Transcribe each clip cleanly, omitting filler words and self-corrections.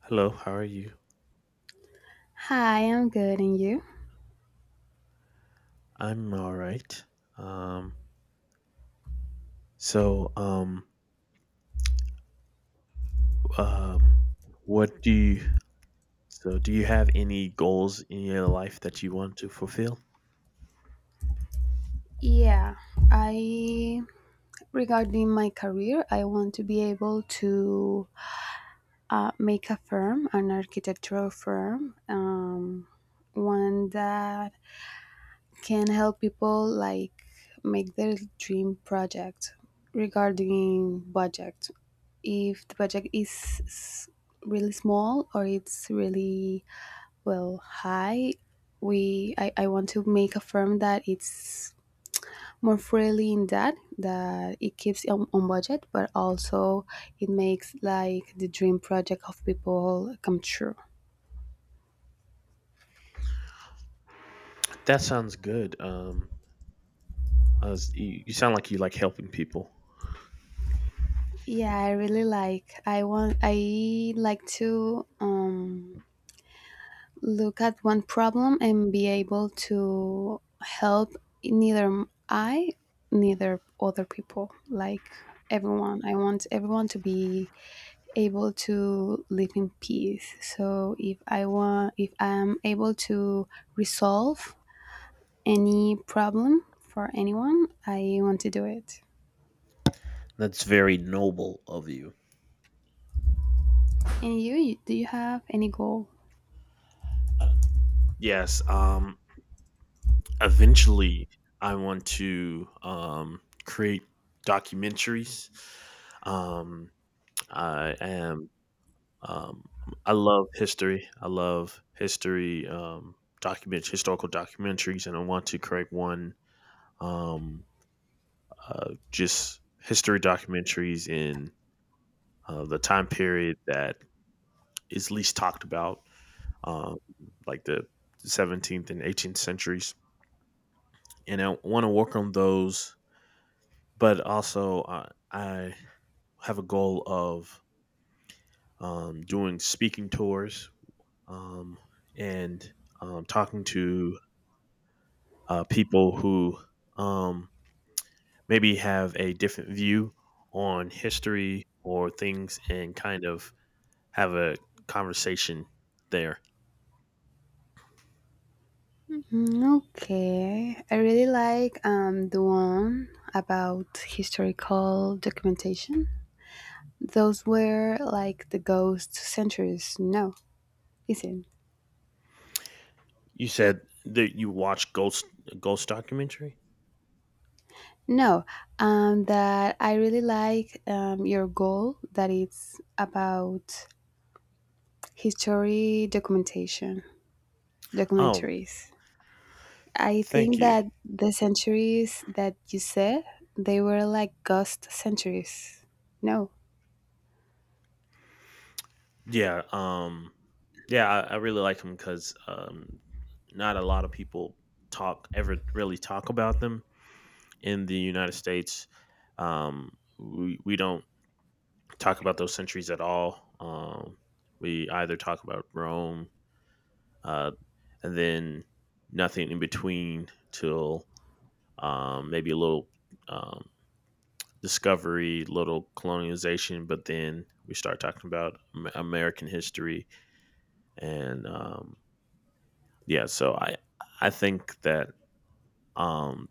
Hello, how are you? Hi, I'm good, and you? I'm all right. Um, so, um, um, what do you, so do you have any goals in your life that you want to fulfill? Yeah, I regarding my career, I want to be able to make a firm, an architectural firm, one that can help people like make their dream project regarding budget. If the budget is really small or it's really well high, I want to make a firm that it's more freely in that it keeps on budget but also it makes like the dream project of people come true. That sounds good. As you sound like you like helping people. Yeah, I really like, I want, I like to look at one problem and be able to help, neither I neither other people, like everyone. I want everyone to be able to live in peace. So if I want, if I'm able to resolve any problem for anyone, I want to do it. That's very noble of you. And you, do you have any goal? Yes. Eventually, I want to create documentaries. Um, I am Um, I love history. I love history, document historical documentaries, and I want to create one um, just history documentaries in the time period that is least talked about, um, like the 17th and 18th centuries. And I want to work on those, but also I have a goal of doing speaking tours um, and talking to people who um, maybe have a different view on history or things and kind of have a conversation there. Mm, okay, I really like the one about historical documentation. Those were like the ghost centuries. No, isn't. You said that you watch ghost documentary. No, that I really like your goal that it's about history documentation Oh, documentaries. I thank think you. that the centuries that you said, they were like ghost centuries. No. Yeah, yeah, I really like them because not a lot of people talk ever really talk about them in the United States. Um, we don't talk about those centuries at all. We either talk about Rome uh, and then nothing in between till maybe a little um, discovery, little colonization, but then we start talking about American history and yeah. So I think that um,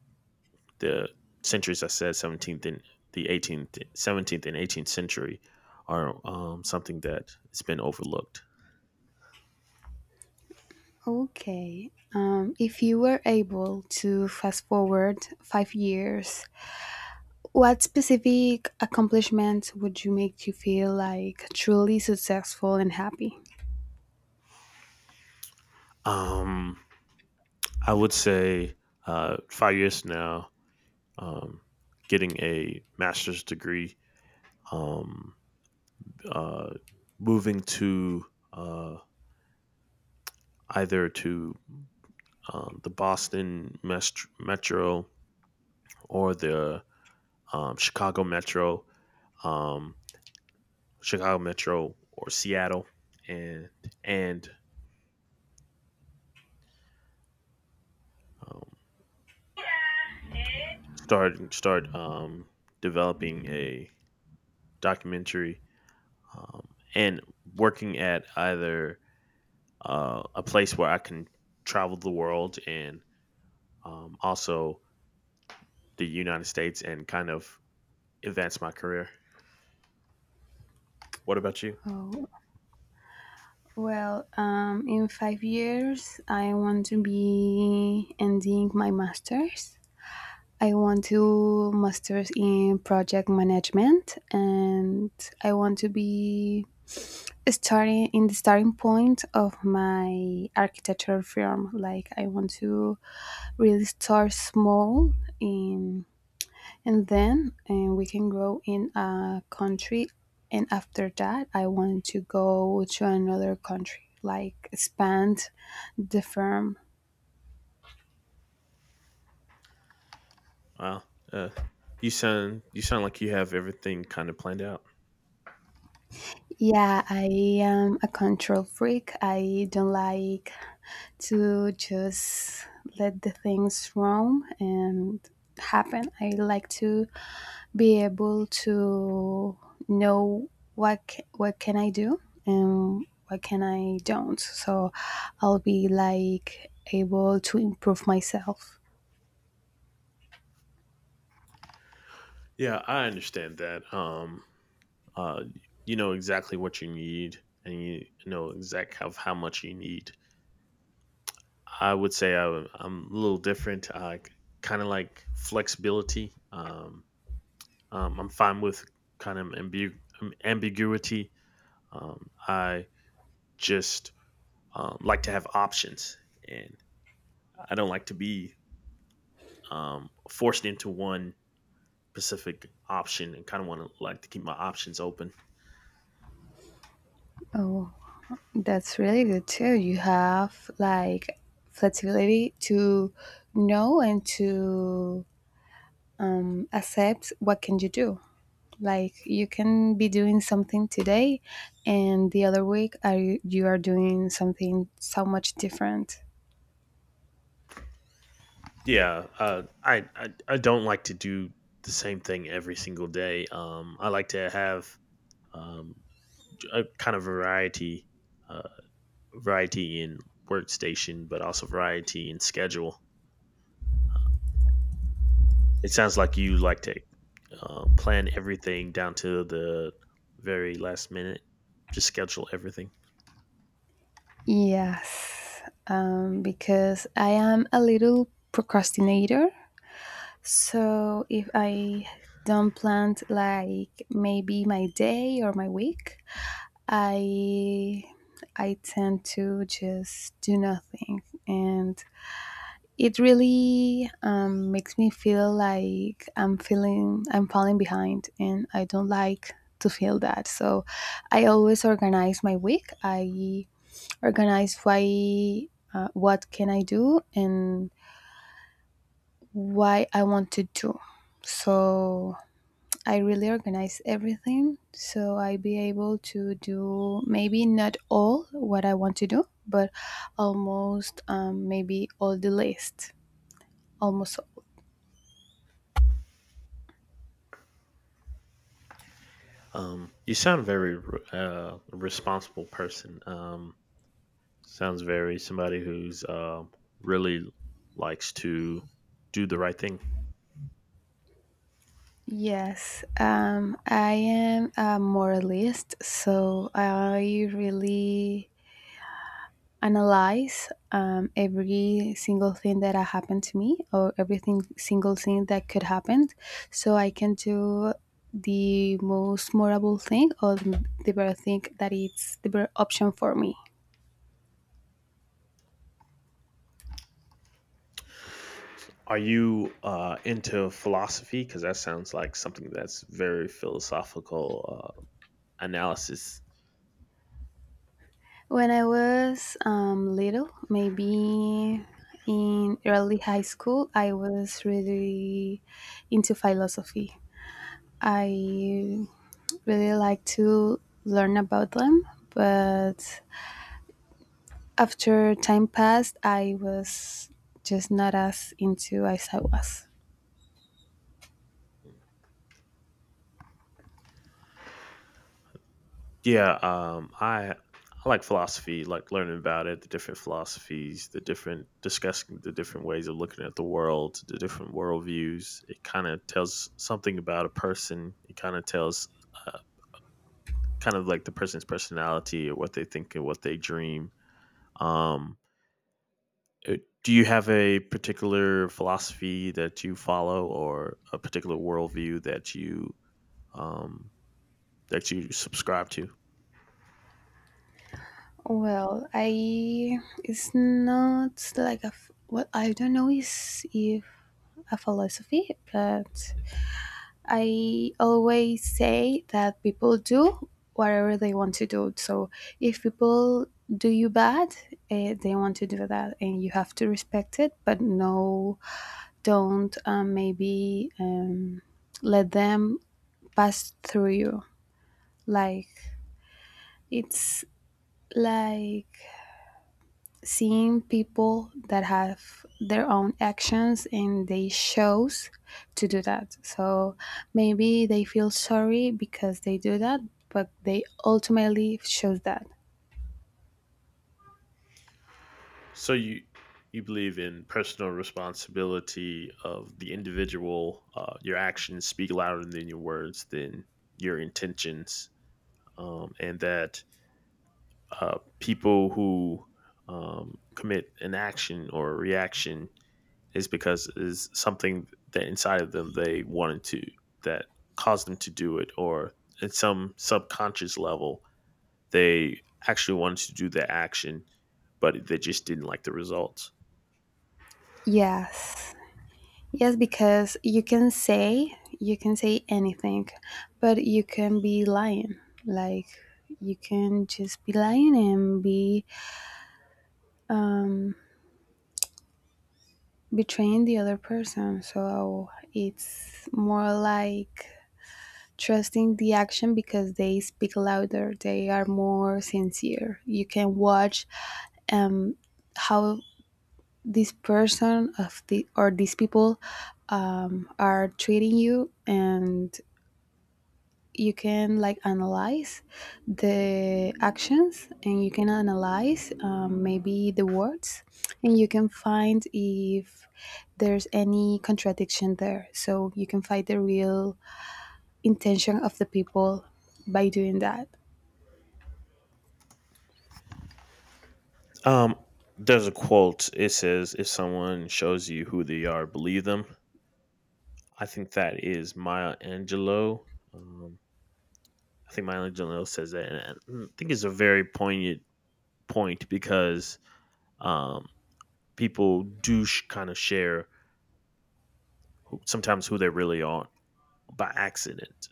the centuries I said 17th and the 18th, 17th and 18th century are something that has been overlooked. Okay, if you were able to fast forward 5 years, what specific accomplishment would you make you feel like truly successful and happy? Um, I would say 5 years from now, um, getting a master's degree, um, uh, moving to uh, either to the Boston Metro or the um, Chicago Metro, um, Chicago Metro or Seattle, and and um, start developing a documentary um, and working at either a place where I can travel the world and also the United States and kind of advance my career. What about you? Oh, well, in 5 years I want to be ending my masters. I want to master's in project management, and I want to be starting in the starting point of my architectural firm. Like I want to really start small in, and then and we can grow in a country, and after that I want to go to another country, like expand the firm. Wow, uh, you sound like you have everything kind of planned out. Yeah, I am a control freak. I don't like to just let the things roam and happen. I like to be able to know what what can I do and what can I don't. So I'll be like able to improve myself. Yeah, I understand that. Uh, you know exactly what you need, and you know exact how much you need. I would say I am a little different. I kind of like flexibility. I'm fine with kind of ambiguity. I just like to have options, and I don't like to be forced into one specific option, and kind of want to like to keep my options open. Oh, that's really good too. You have like flexibility to know and to accept what can you do. Like you can be doing something today, and the other week are you are doing something so much different. Yeah, I don't like to do the same thing every single day. I like to have um, a kind of uh, variety in workstation, but also variety in schedule. It sounds like you like to plan everything down to the very last minute. Just schedule everything. Yes, because I am a little procrastinator. So if I don't plan like maybe my day or my week, I I tend to just do nothing, and it really makes me feel like I'm feeling I'm falling behind, and I don't like to feel that. So I always organize my week. I organize why, what can I do, and why I want to do. So I really organize everything so I be able to do maybe not all what I want to do, but almost, maybe all the list, almost. You sound a very responsible person. Sounds very somebody who's really likes to do the right thing. Yes, I am a moralist, so I really analyze every single thing that happened to me or everything single thing that could happen, so I can do the most morable thing or the better thing that it's the better option for me. Are you into philosophy? Because that sounds like something that's very philosophical analysis. When I was little, maybe in early high school, I was really into philosophy. I really like to learn about them, but after time passed, I was just not as into as I was. Yeah, I like philosophy, like learning about it, the different philosophies, the different discussing the different ways of looking at the world, the different worldviews. It kind of tells something about a person. It kind of tells, uh, kind of like the person's personality or what they think and what they dream. Um, uh, do you have a particular philosophy that you follow or a particular worldview um, that you subscribe to? Well, I it's not like a well, I don't know is if a philosophy, but I always say that people do whatever they want to do. So if people do you bad, they want to do that, and you have to respect it, but no don't maybe let them pass through you. Like it's like seeing people that have their own actions and they chose to do that. So maybe they feel sorry because they do that, but they ultimately chose that. So you believe in personal responsibility of the individual. Your actions speak louder than your words, than your intentions, and that people who commit an action or a reaction is because is something that inside of them they wanted to that caused them to do it, or at some subconscious level they actually wanted to do the action, but they just didn't like the results. Yes. Yes, because you can say anything, but you can be lying. Like you can just be lying and be um, betraying the other person. So it's more like trusting the action because they speak louder. They are more sincere. You can watch um, how this person of the or these people are treating you, and you can like analyze the actions, and you can analyze, maybe the words, and you can find if there's any contradiction there, so you can find the real intention of the people by doing that. Um, there's a quote. It says, "If someone shows you who they are, believe them." I think that is Maya Angelou. Um, I think Maya Angelou says that, and I think it's a very poignant point because um, people do kind of share sometimes who they really are by accident.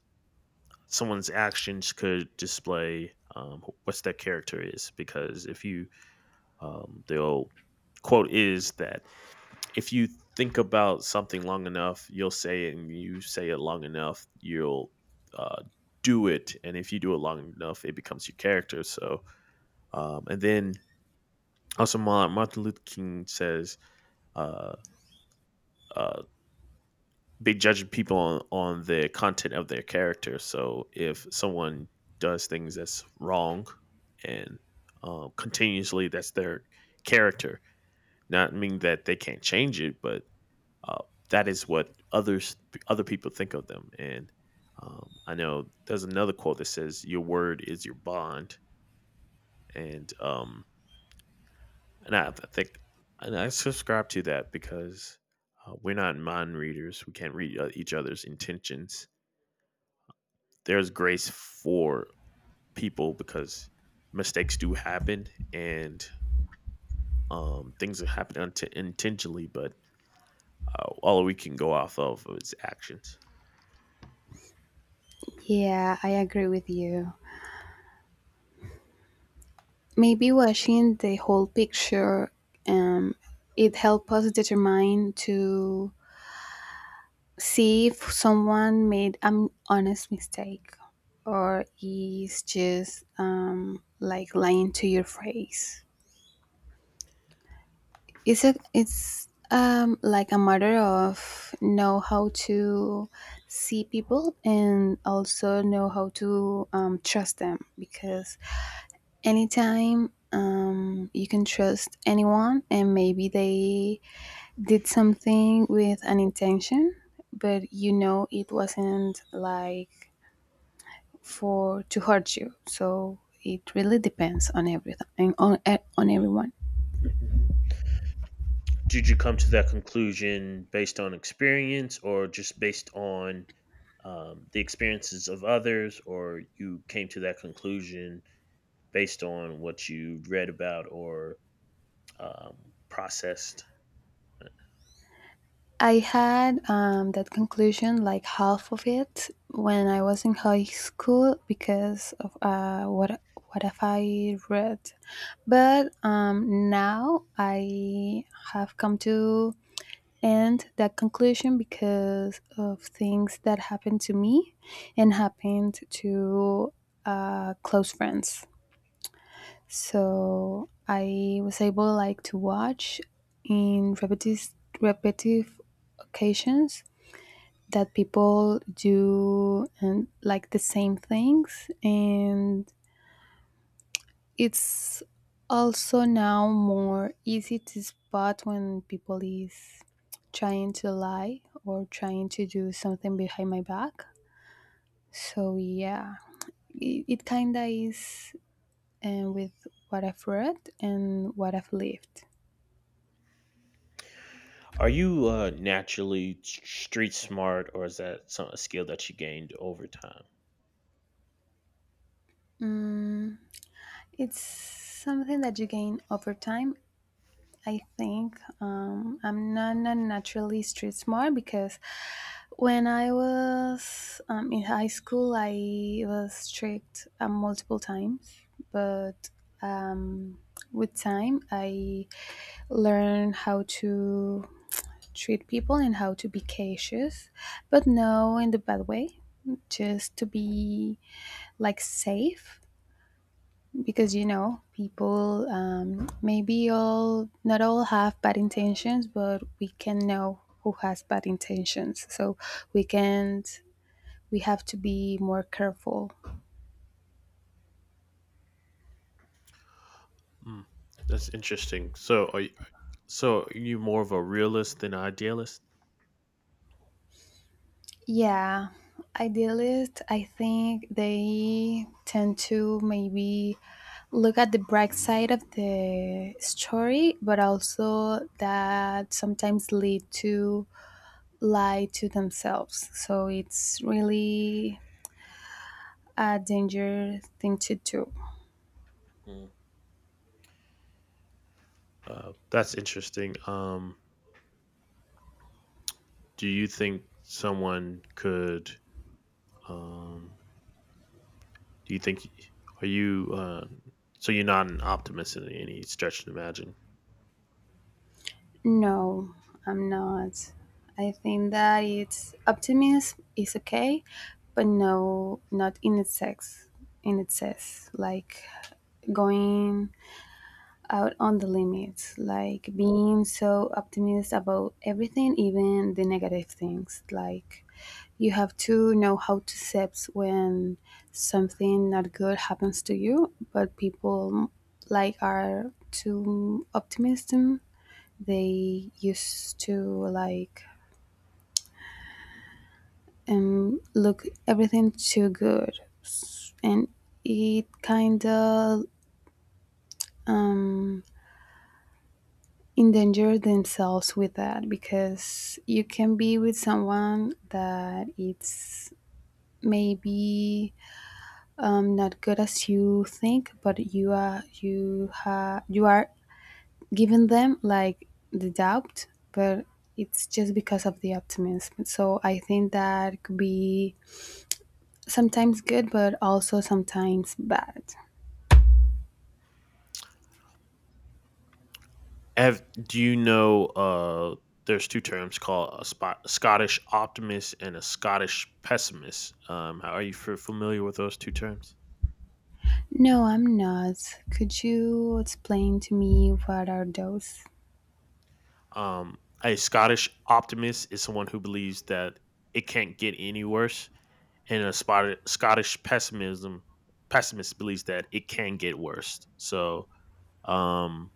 Someone's actions could display what's their character is because if you the old quote is that if you think about something long enough, you'll say it, and you say it long enough, you'll uh, do it. And if you do it long enough, it becomes your character. So, and then also Martin Luther King says, uh, uh, "Be judging people on, the content of their character." So, if someone does things that's wrong and continuously, that's their character. Not mean that they can't change it, but uh, that is what other people think of them. And I know there's another quote that says, "Your word is your bond," and um, and I think and I subscribe to that because we're not mind readers. We can't read each other's intentions. There's grace for people because mistakes do happen and things happen intentionally, but all we can go off of is actions. Yeah, I agree with you. Maybe watching the whole picture, um, it helps us determine to see if someone made an honest mistake or is just, like lying to your face. It's a it's like a matter of know how to see people and also know how to trust them, because anytime, you can trust anyone and maybe they did something with an intention, but you know it wasn't like for to hurt you. So it really depends on everything on on everyone. Hmm. Did you come to that conclusion based on experience or just based on the experiences of others, or you came to that conclusion based on what you read about or processed? I had, that conclusion like half of it when I was in high school because of what have I read, but now I have come to end that conclusion because of things that happened to me and happened to close friends. So I was able like to watch in repetitive occasions that people do and like the same things, and it's also now more easy to spot when people is trying to lie or trying to do something behind my back. So yeah, it kinda is, and with what I've read and what I've lived. Are you naturally street smart, or is that a skill that you gained over time? Mm, it's something that you gain over time. I think, I'm not, not naturally street smart, because when I was in high school, I was tricked multiple times, but um, with time, I learned how to treat people and how to be cautious, but no in the bad way, just to be like safe, because you know people, maybe all not all have bad intentions, but we can know who has bad intentions, so we can't we have to be more careful. Mm, that's interesting. So, are you more of a realist than idealist? Yeah, idealists I think they tend to maybe look at the bright side of the story, but also that sometimes lead to lie to themselves, so it's really a dangerous thing to do. Mm. That's interesting. Do you think someone could um, Do you think are you so you're not an optimist in any stretch to imagine? No, I'm not. I think that it's optimism is okay, but no, not in excess. In excess, like going out on the limits, like being so optimistic about everything, even the negative things. Like you have to know how to accept when something not good happens to you, but people like are too optimistic. They used to like look everything too good, and it kind of um, endanger themselves with that, because you can be with someone that it's maybe, not good as you think, but you are you are giving them like the doubt, but it's just because of the optimism. So I think that could be sometimes good, but also sometimes bad. Have do you know there's two terms called Scottish optimist and a Scottish pessimist. Are you familiar with those two terms? No, I'm not. Could you explain to me what are those? Um, a Scottish optimist is someone who believes that it can't get any worse, and Scottish pessimism pessimist believes that it can get worse. So um,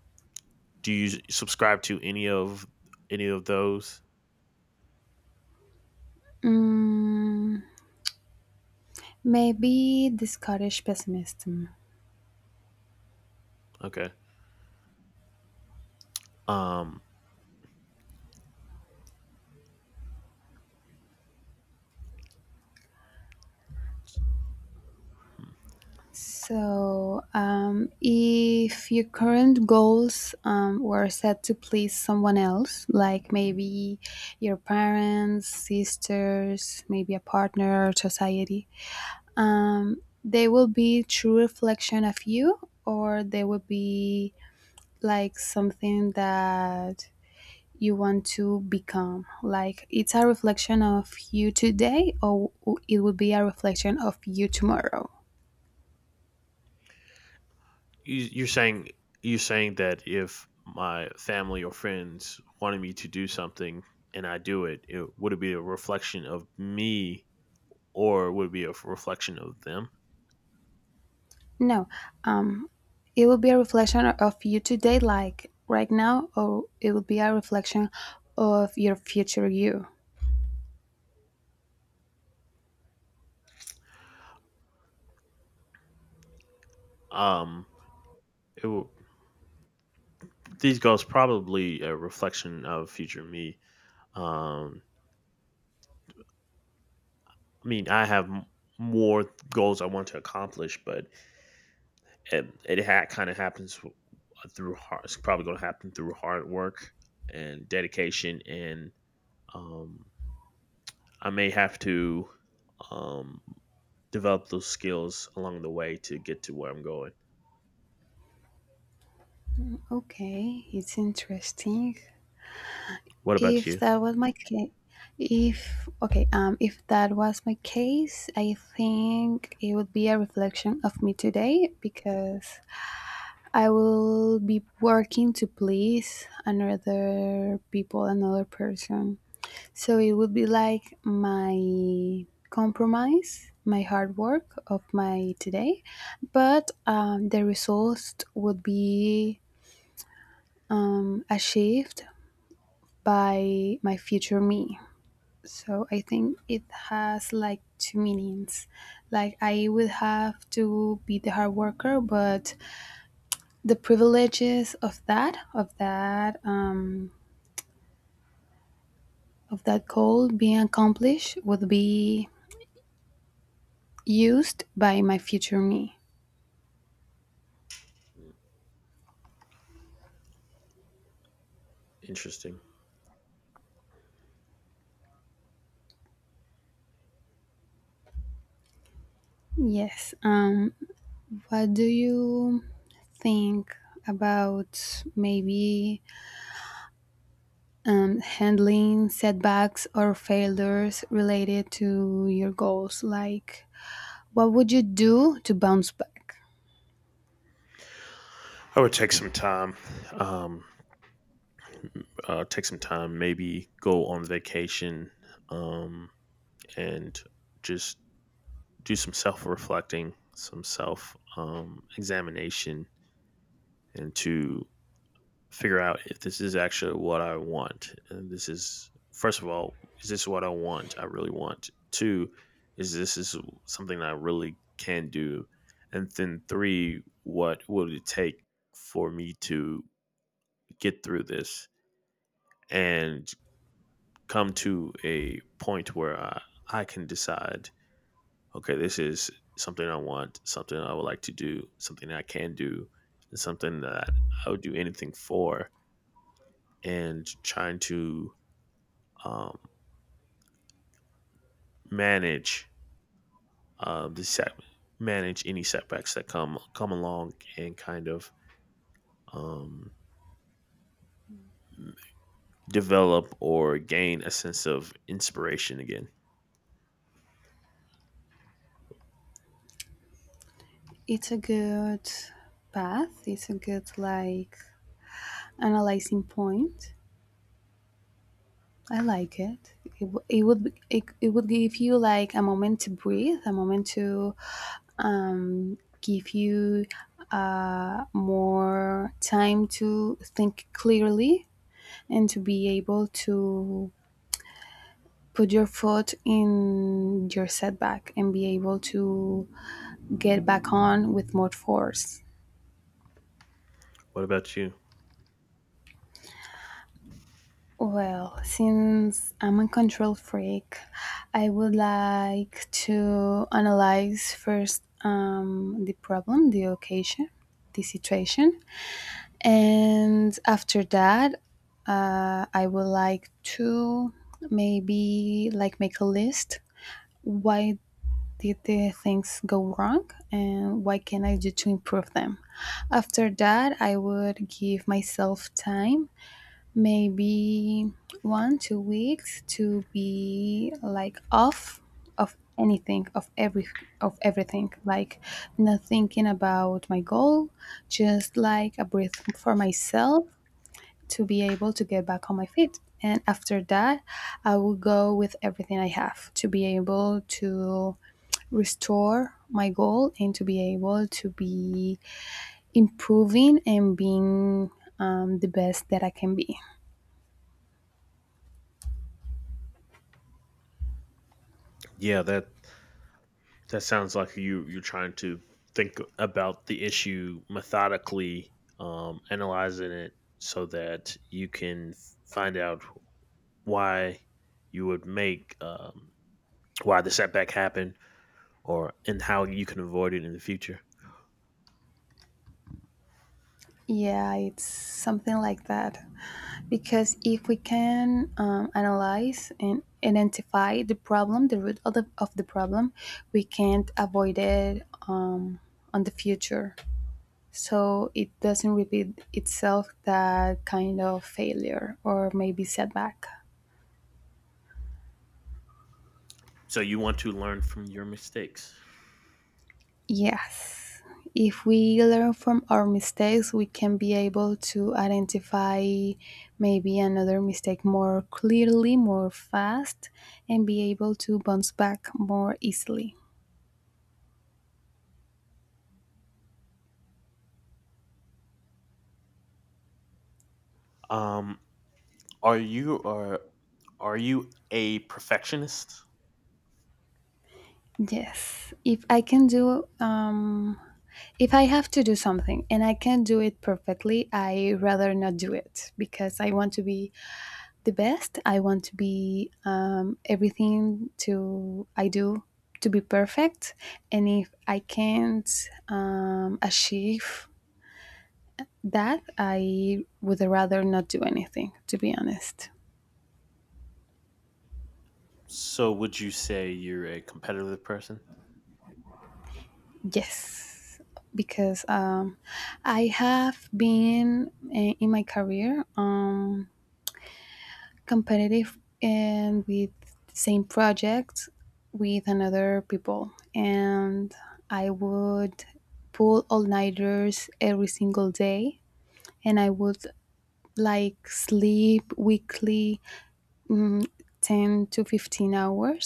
do you subscribe to any of those? Mm, maybe the Scottish pessimism. Okay. Um, hmm. So, if your current goals were set to please someone else, like maybe your parents, sisters, maybe a partner, or society, they will be true reflection of you, or they will be like something that you want to become, like it's a reflection of you today or it will be a reflection of you tomorrow. you, you're saying you're saying that if my family or friends wanted me to do something and I do it, it would it be a reflection of me or would it be a reflection of them? No, um it will be a reflection of you today like right now, or it will be a reflection of your future you. Um, it will, these goals probably a reflection of future me. Um, I mean, I have more goals I want to accomplish, but and it kind of happens through hard. It's probably going to happen through hard work and dedication, and um, I may have to um, develop those skills along the way to get to where I'm going. Okay, it's interesting. What about If you? that was my case if okay, if that was my case, I think it would be a reflection of me today, because I will be working to please another people, another person. So it would be like my compromise, my hard work of my today, but the results would be, achieved by my future me. So I think it has like two meanings. Like I would have to be the hard worker, but the privileges of that, of that goal being accomplished would be used by my future me. Interesting. Yes, what do you think about maybe, handling setbacks or failures related to your goals, like what would you do to bounce back? I would take some time. Um, take some time. Maybe go on vacation um, and just do some self reflecting, some self examination into figure out if this is actually what I want. And this is first of all, is this what I want? I really want. Two, is this is something I really can do? And then three, what would it take for me to get through this and come to a point where I can decide, okay, this is something I want, something I would like to do, something I can do, and something that I would do anything for, and trying to um, manage um, the set, manage any setbacks that come along, and kind of um, develop or gain a sense of inspiration again. It's a good path, it's a good like analyzing point. I like it. It would be, it would give you like a moment to breathe, a moment to, give you, more time to think clearly, and to be able to put your foot in your setback and be able to get back on with more force. What about you? Well, since I'm a control freak, I would like to analyze first, the problem, the occasion, the situation, and after that, I would like to maybe like make a list. Why did the things go wrong, and what can I do to improve them? After that, I would give myself time maybe 1-2 weeks to be like off of anything of everything like not thinking about my goal, just like a breath for myself to be able to get back on my feet. And after that, I will go with everything I have to be able to restore my goal and to be able to be improving and being the best that I can be. Yeah, that sounds like you're trying to think about the issue methodically, analyzing it so that you can find out why you would make why the setback happened or and how you can avoid it in the future. Yeah, it's something like that. Because if we can analyze and identify the problem, the root of the problem, we can't avoid it on the future. So it doesn't repeat itself, that kind of failure or maybe setback. So you want to learn from your mistakes. Yes. If we learn from our mistakes, we can be able to identify maybe another mistake more clearly, more fast, and be able to bounce back more easily. Um, are you are are you a perfectionist? Yes. If I can do, if I have to do something and I can do it perfectly, I rather not do it because I want to be the best. I want to be everything to I do to be perfect, and if I can't achieve that, I would rather not do anything. To be honest, So would you say you're a competitive person? yes, because I have been in my career. Competitive and with the same project with another people, and I would pull all nighters every single day, and I would like sleep weekly 10 to 15 hours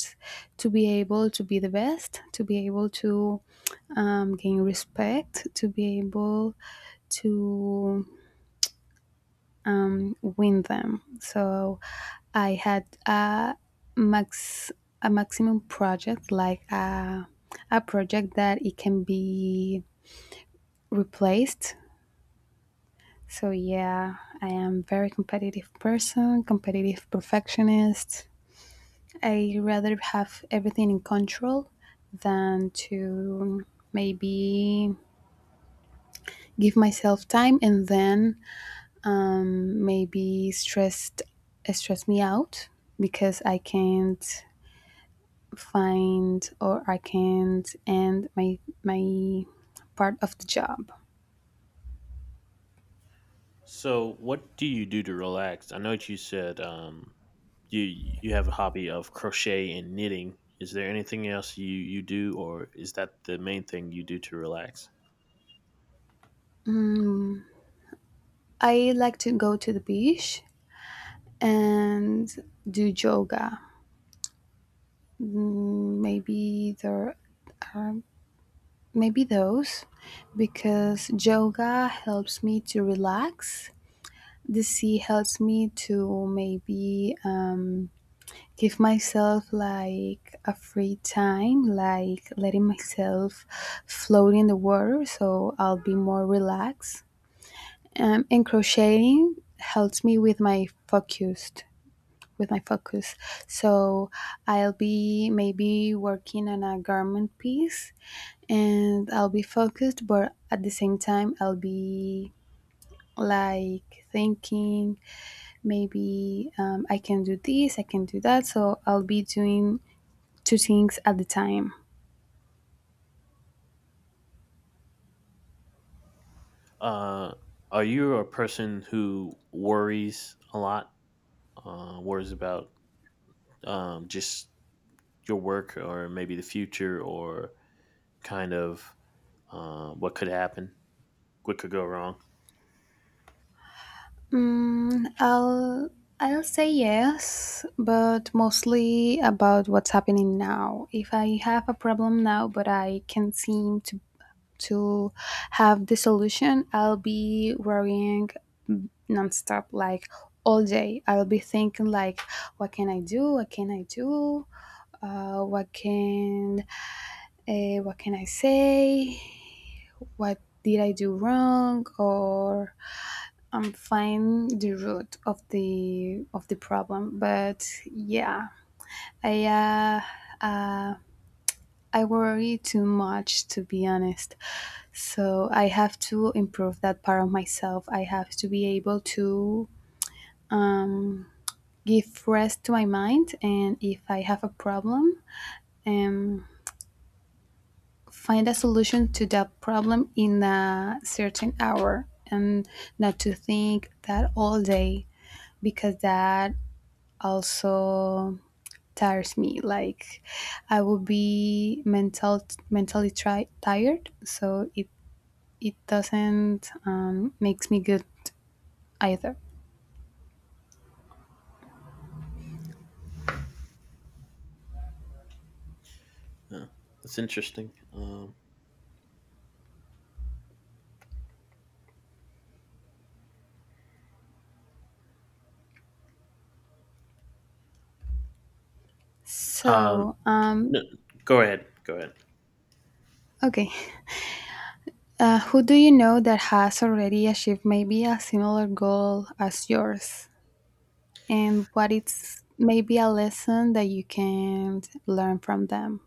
to be able to be the best, to be able to gain respect, to be able to win them. So I had max a maximum project, like a project that it can be replaced. So yeah, I am very competitive person, competitive perfectionist. I rather have everything in control than to maybe give myself time, and then maybe stress me out because I can't find, or I can't end my part of the job. So, what do you do to relax? I know that you said you you have a hobby of crochet and knitting. Is there anything else you do, or is that the main thing you do to relax? I like to go to the beach and do yoga. Maybe there are, maybe those, because yoga helps me to relax. The sea helps me to maybe give myself like a free time, like letting myself float in the water so I'll be more relaxed. And crocheting helps me with my focused with my focus. So I'll be maybe working on a garment piece, and I'll be focused, but at the same time I'll be like thinking maybe I can do this, I can do that. So I'll be doing two things at the time? Uh, are you a person who worries a lot? Worries about just your work, or maybe the future, or kind of what could happen, what could go wrong? Mm, I'll say yes, but mostly about what's happening now. If I have a problem now, but I can't seem to have the solution, I'll be worrying nonstop, like all day. I'll be thinking like, what can I do? What can I do? Uh, what can what can I say? What did I do wrong? Or I'm find the root of the problem, but yeah, I uh, uh, I worry too much, to be honest. So I have to improve that part of myself. I have to be able to um, give rest to my mind, and if I have a problem, um, find a solution to that problem in a certain hour, and not to think that all day, because that also tires me, like I will be mentally tired, so it doesn't makes me good either. Uh, that's interesting. Um, So no, go ahead. Go ahead. okay, who do you know that has already achieved maybe a similar goal as yours, and what is maybe a lesson that you can learn from them?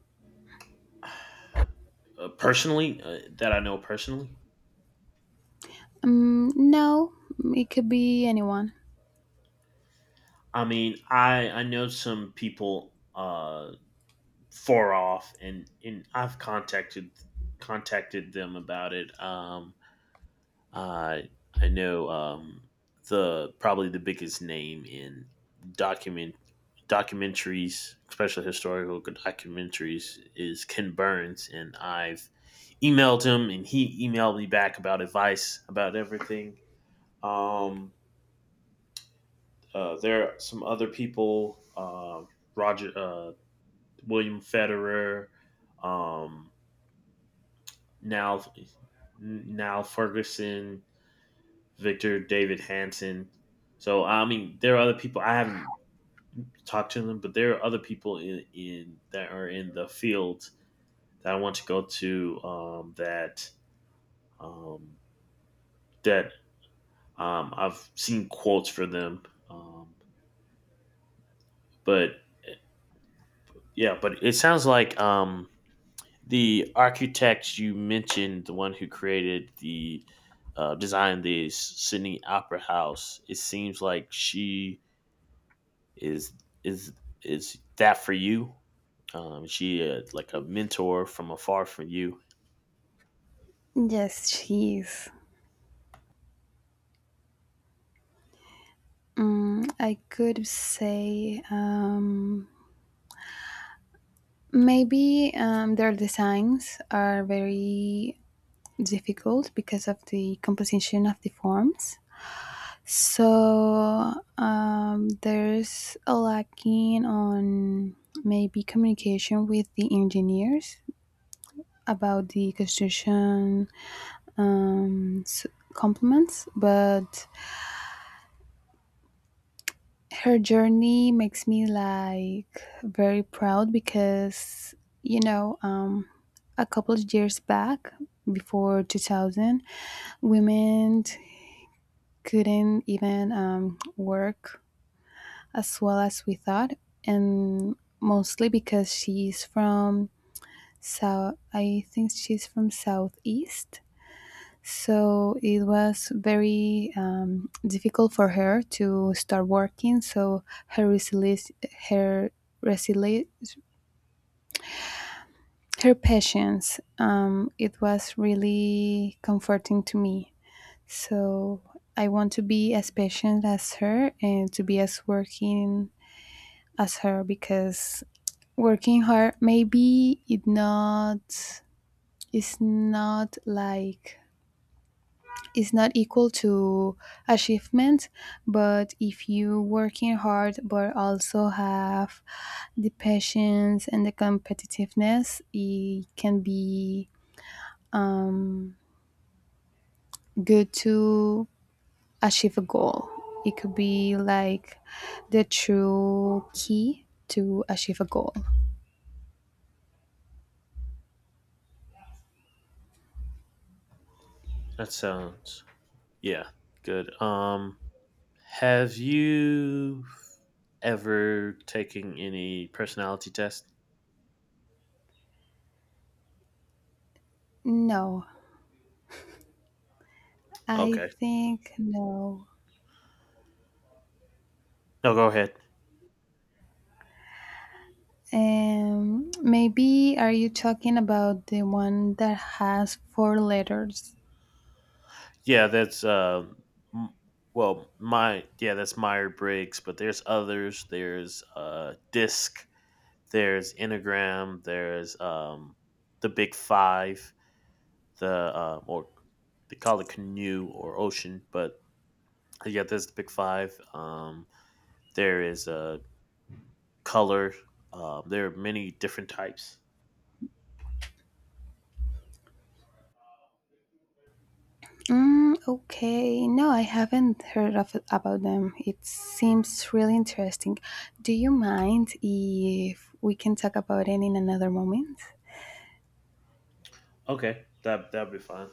Personally that I know personally. No, it could be anyone. I mean, I know some people far off, and I've contacted them about it. I I know the probably the biggest name in document documentaries, especially historical documentaries, is Ken Burns, and I've emailed him, and he emailed me back about advice about everything. Um, there are some other people, Roger, William Federer, um, now, now Ferguson, Victor David Hansen. So I mean, there are other people I haven't talked to them, but there are other people in that are in the field that I want to go to. That um, that I've seen quotes for them, um, but yeah, but it sounds like the architect you mentioned, the one who created the designed the Sydney Opera House, it seems like she is is is that for you. She like a mentor from afar for you. Yes, she is. I could say maybe their designs are very difficult because of the composition of the forms. So there's a lacking on maybe communication with the engineers about the construction um, s- complements, but her journey makes me like very proud because you know a couple of years back before 2000 women couldn't even work as well as we thought, and mostly because she's from south, I think she's from southeast. So it was very difficult for her to start working. So her resilience, her resilience, her patience, it was really comforting to me. So I want to be as patient as her, and to be as working as her, because working hard maybe it not is not like is not equal to achievement, but if you working hard but also have the patience and the competitiveness, it can be good to achieve a goal. It could be like the true key to achieve a goal. That sounds, yeah, good. Have you ever taken any personality test? No, I Okay, think no. no, go ahead. Maybe, are you talking about the one that has four letters? Yeah, m- well, that's Meyer Briggs, but there's others. There's Disc. There's Enneagram. There's the Big Five. The or they call it canoe or ocean, but yeah, there's the Big Five. There is color. There are many different types. Mm, okay. No, I haven't heard of, about them. It seems really interesting. Do you mind if we can talk about it in another moment? Okay, that'd be fine.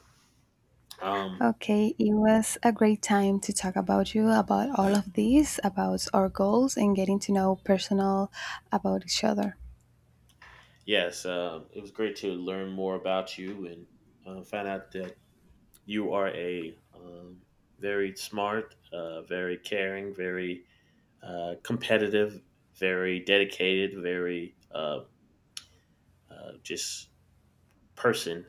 Um, Okay, it was a great time to talk about you, about all of this, about our goals, and getting to know personal about each other. yes, it was great to learn more about you and find out the you are a very smart, very caring, very competitive, very dedicated, very just person.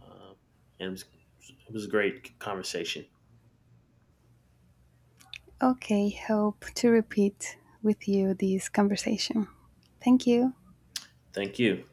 Uh, and it was a great conversation. Okay, hope to repeat with you this conversation. Thank you. Thank you.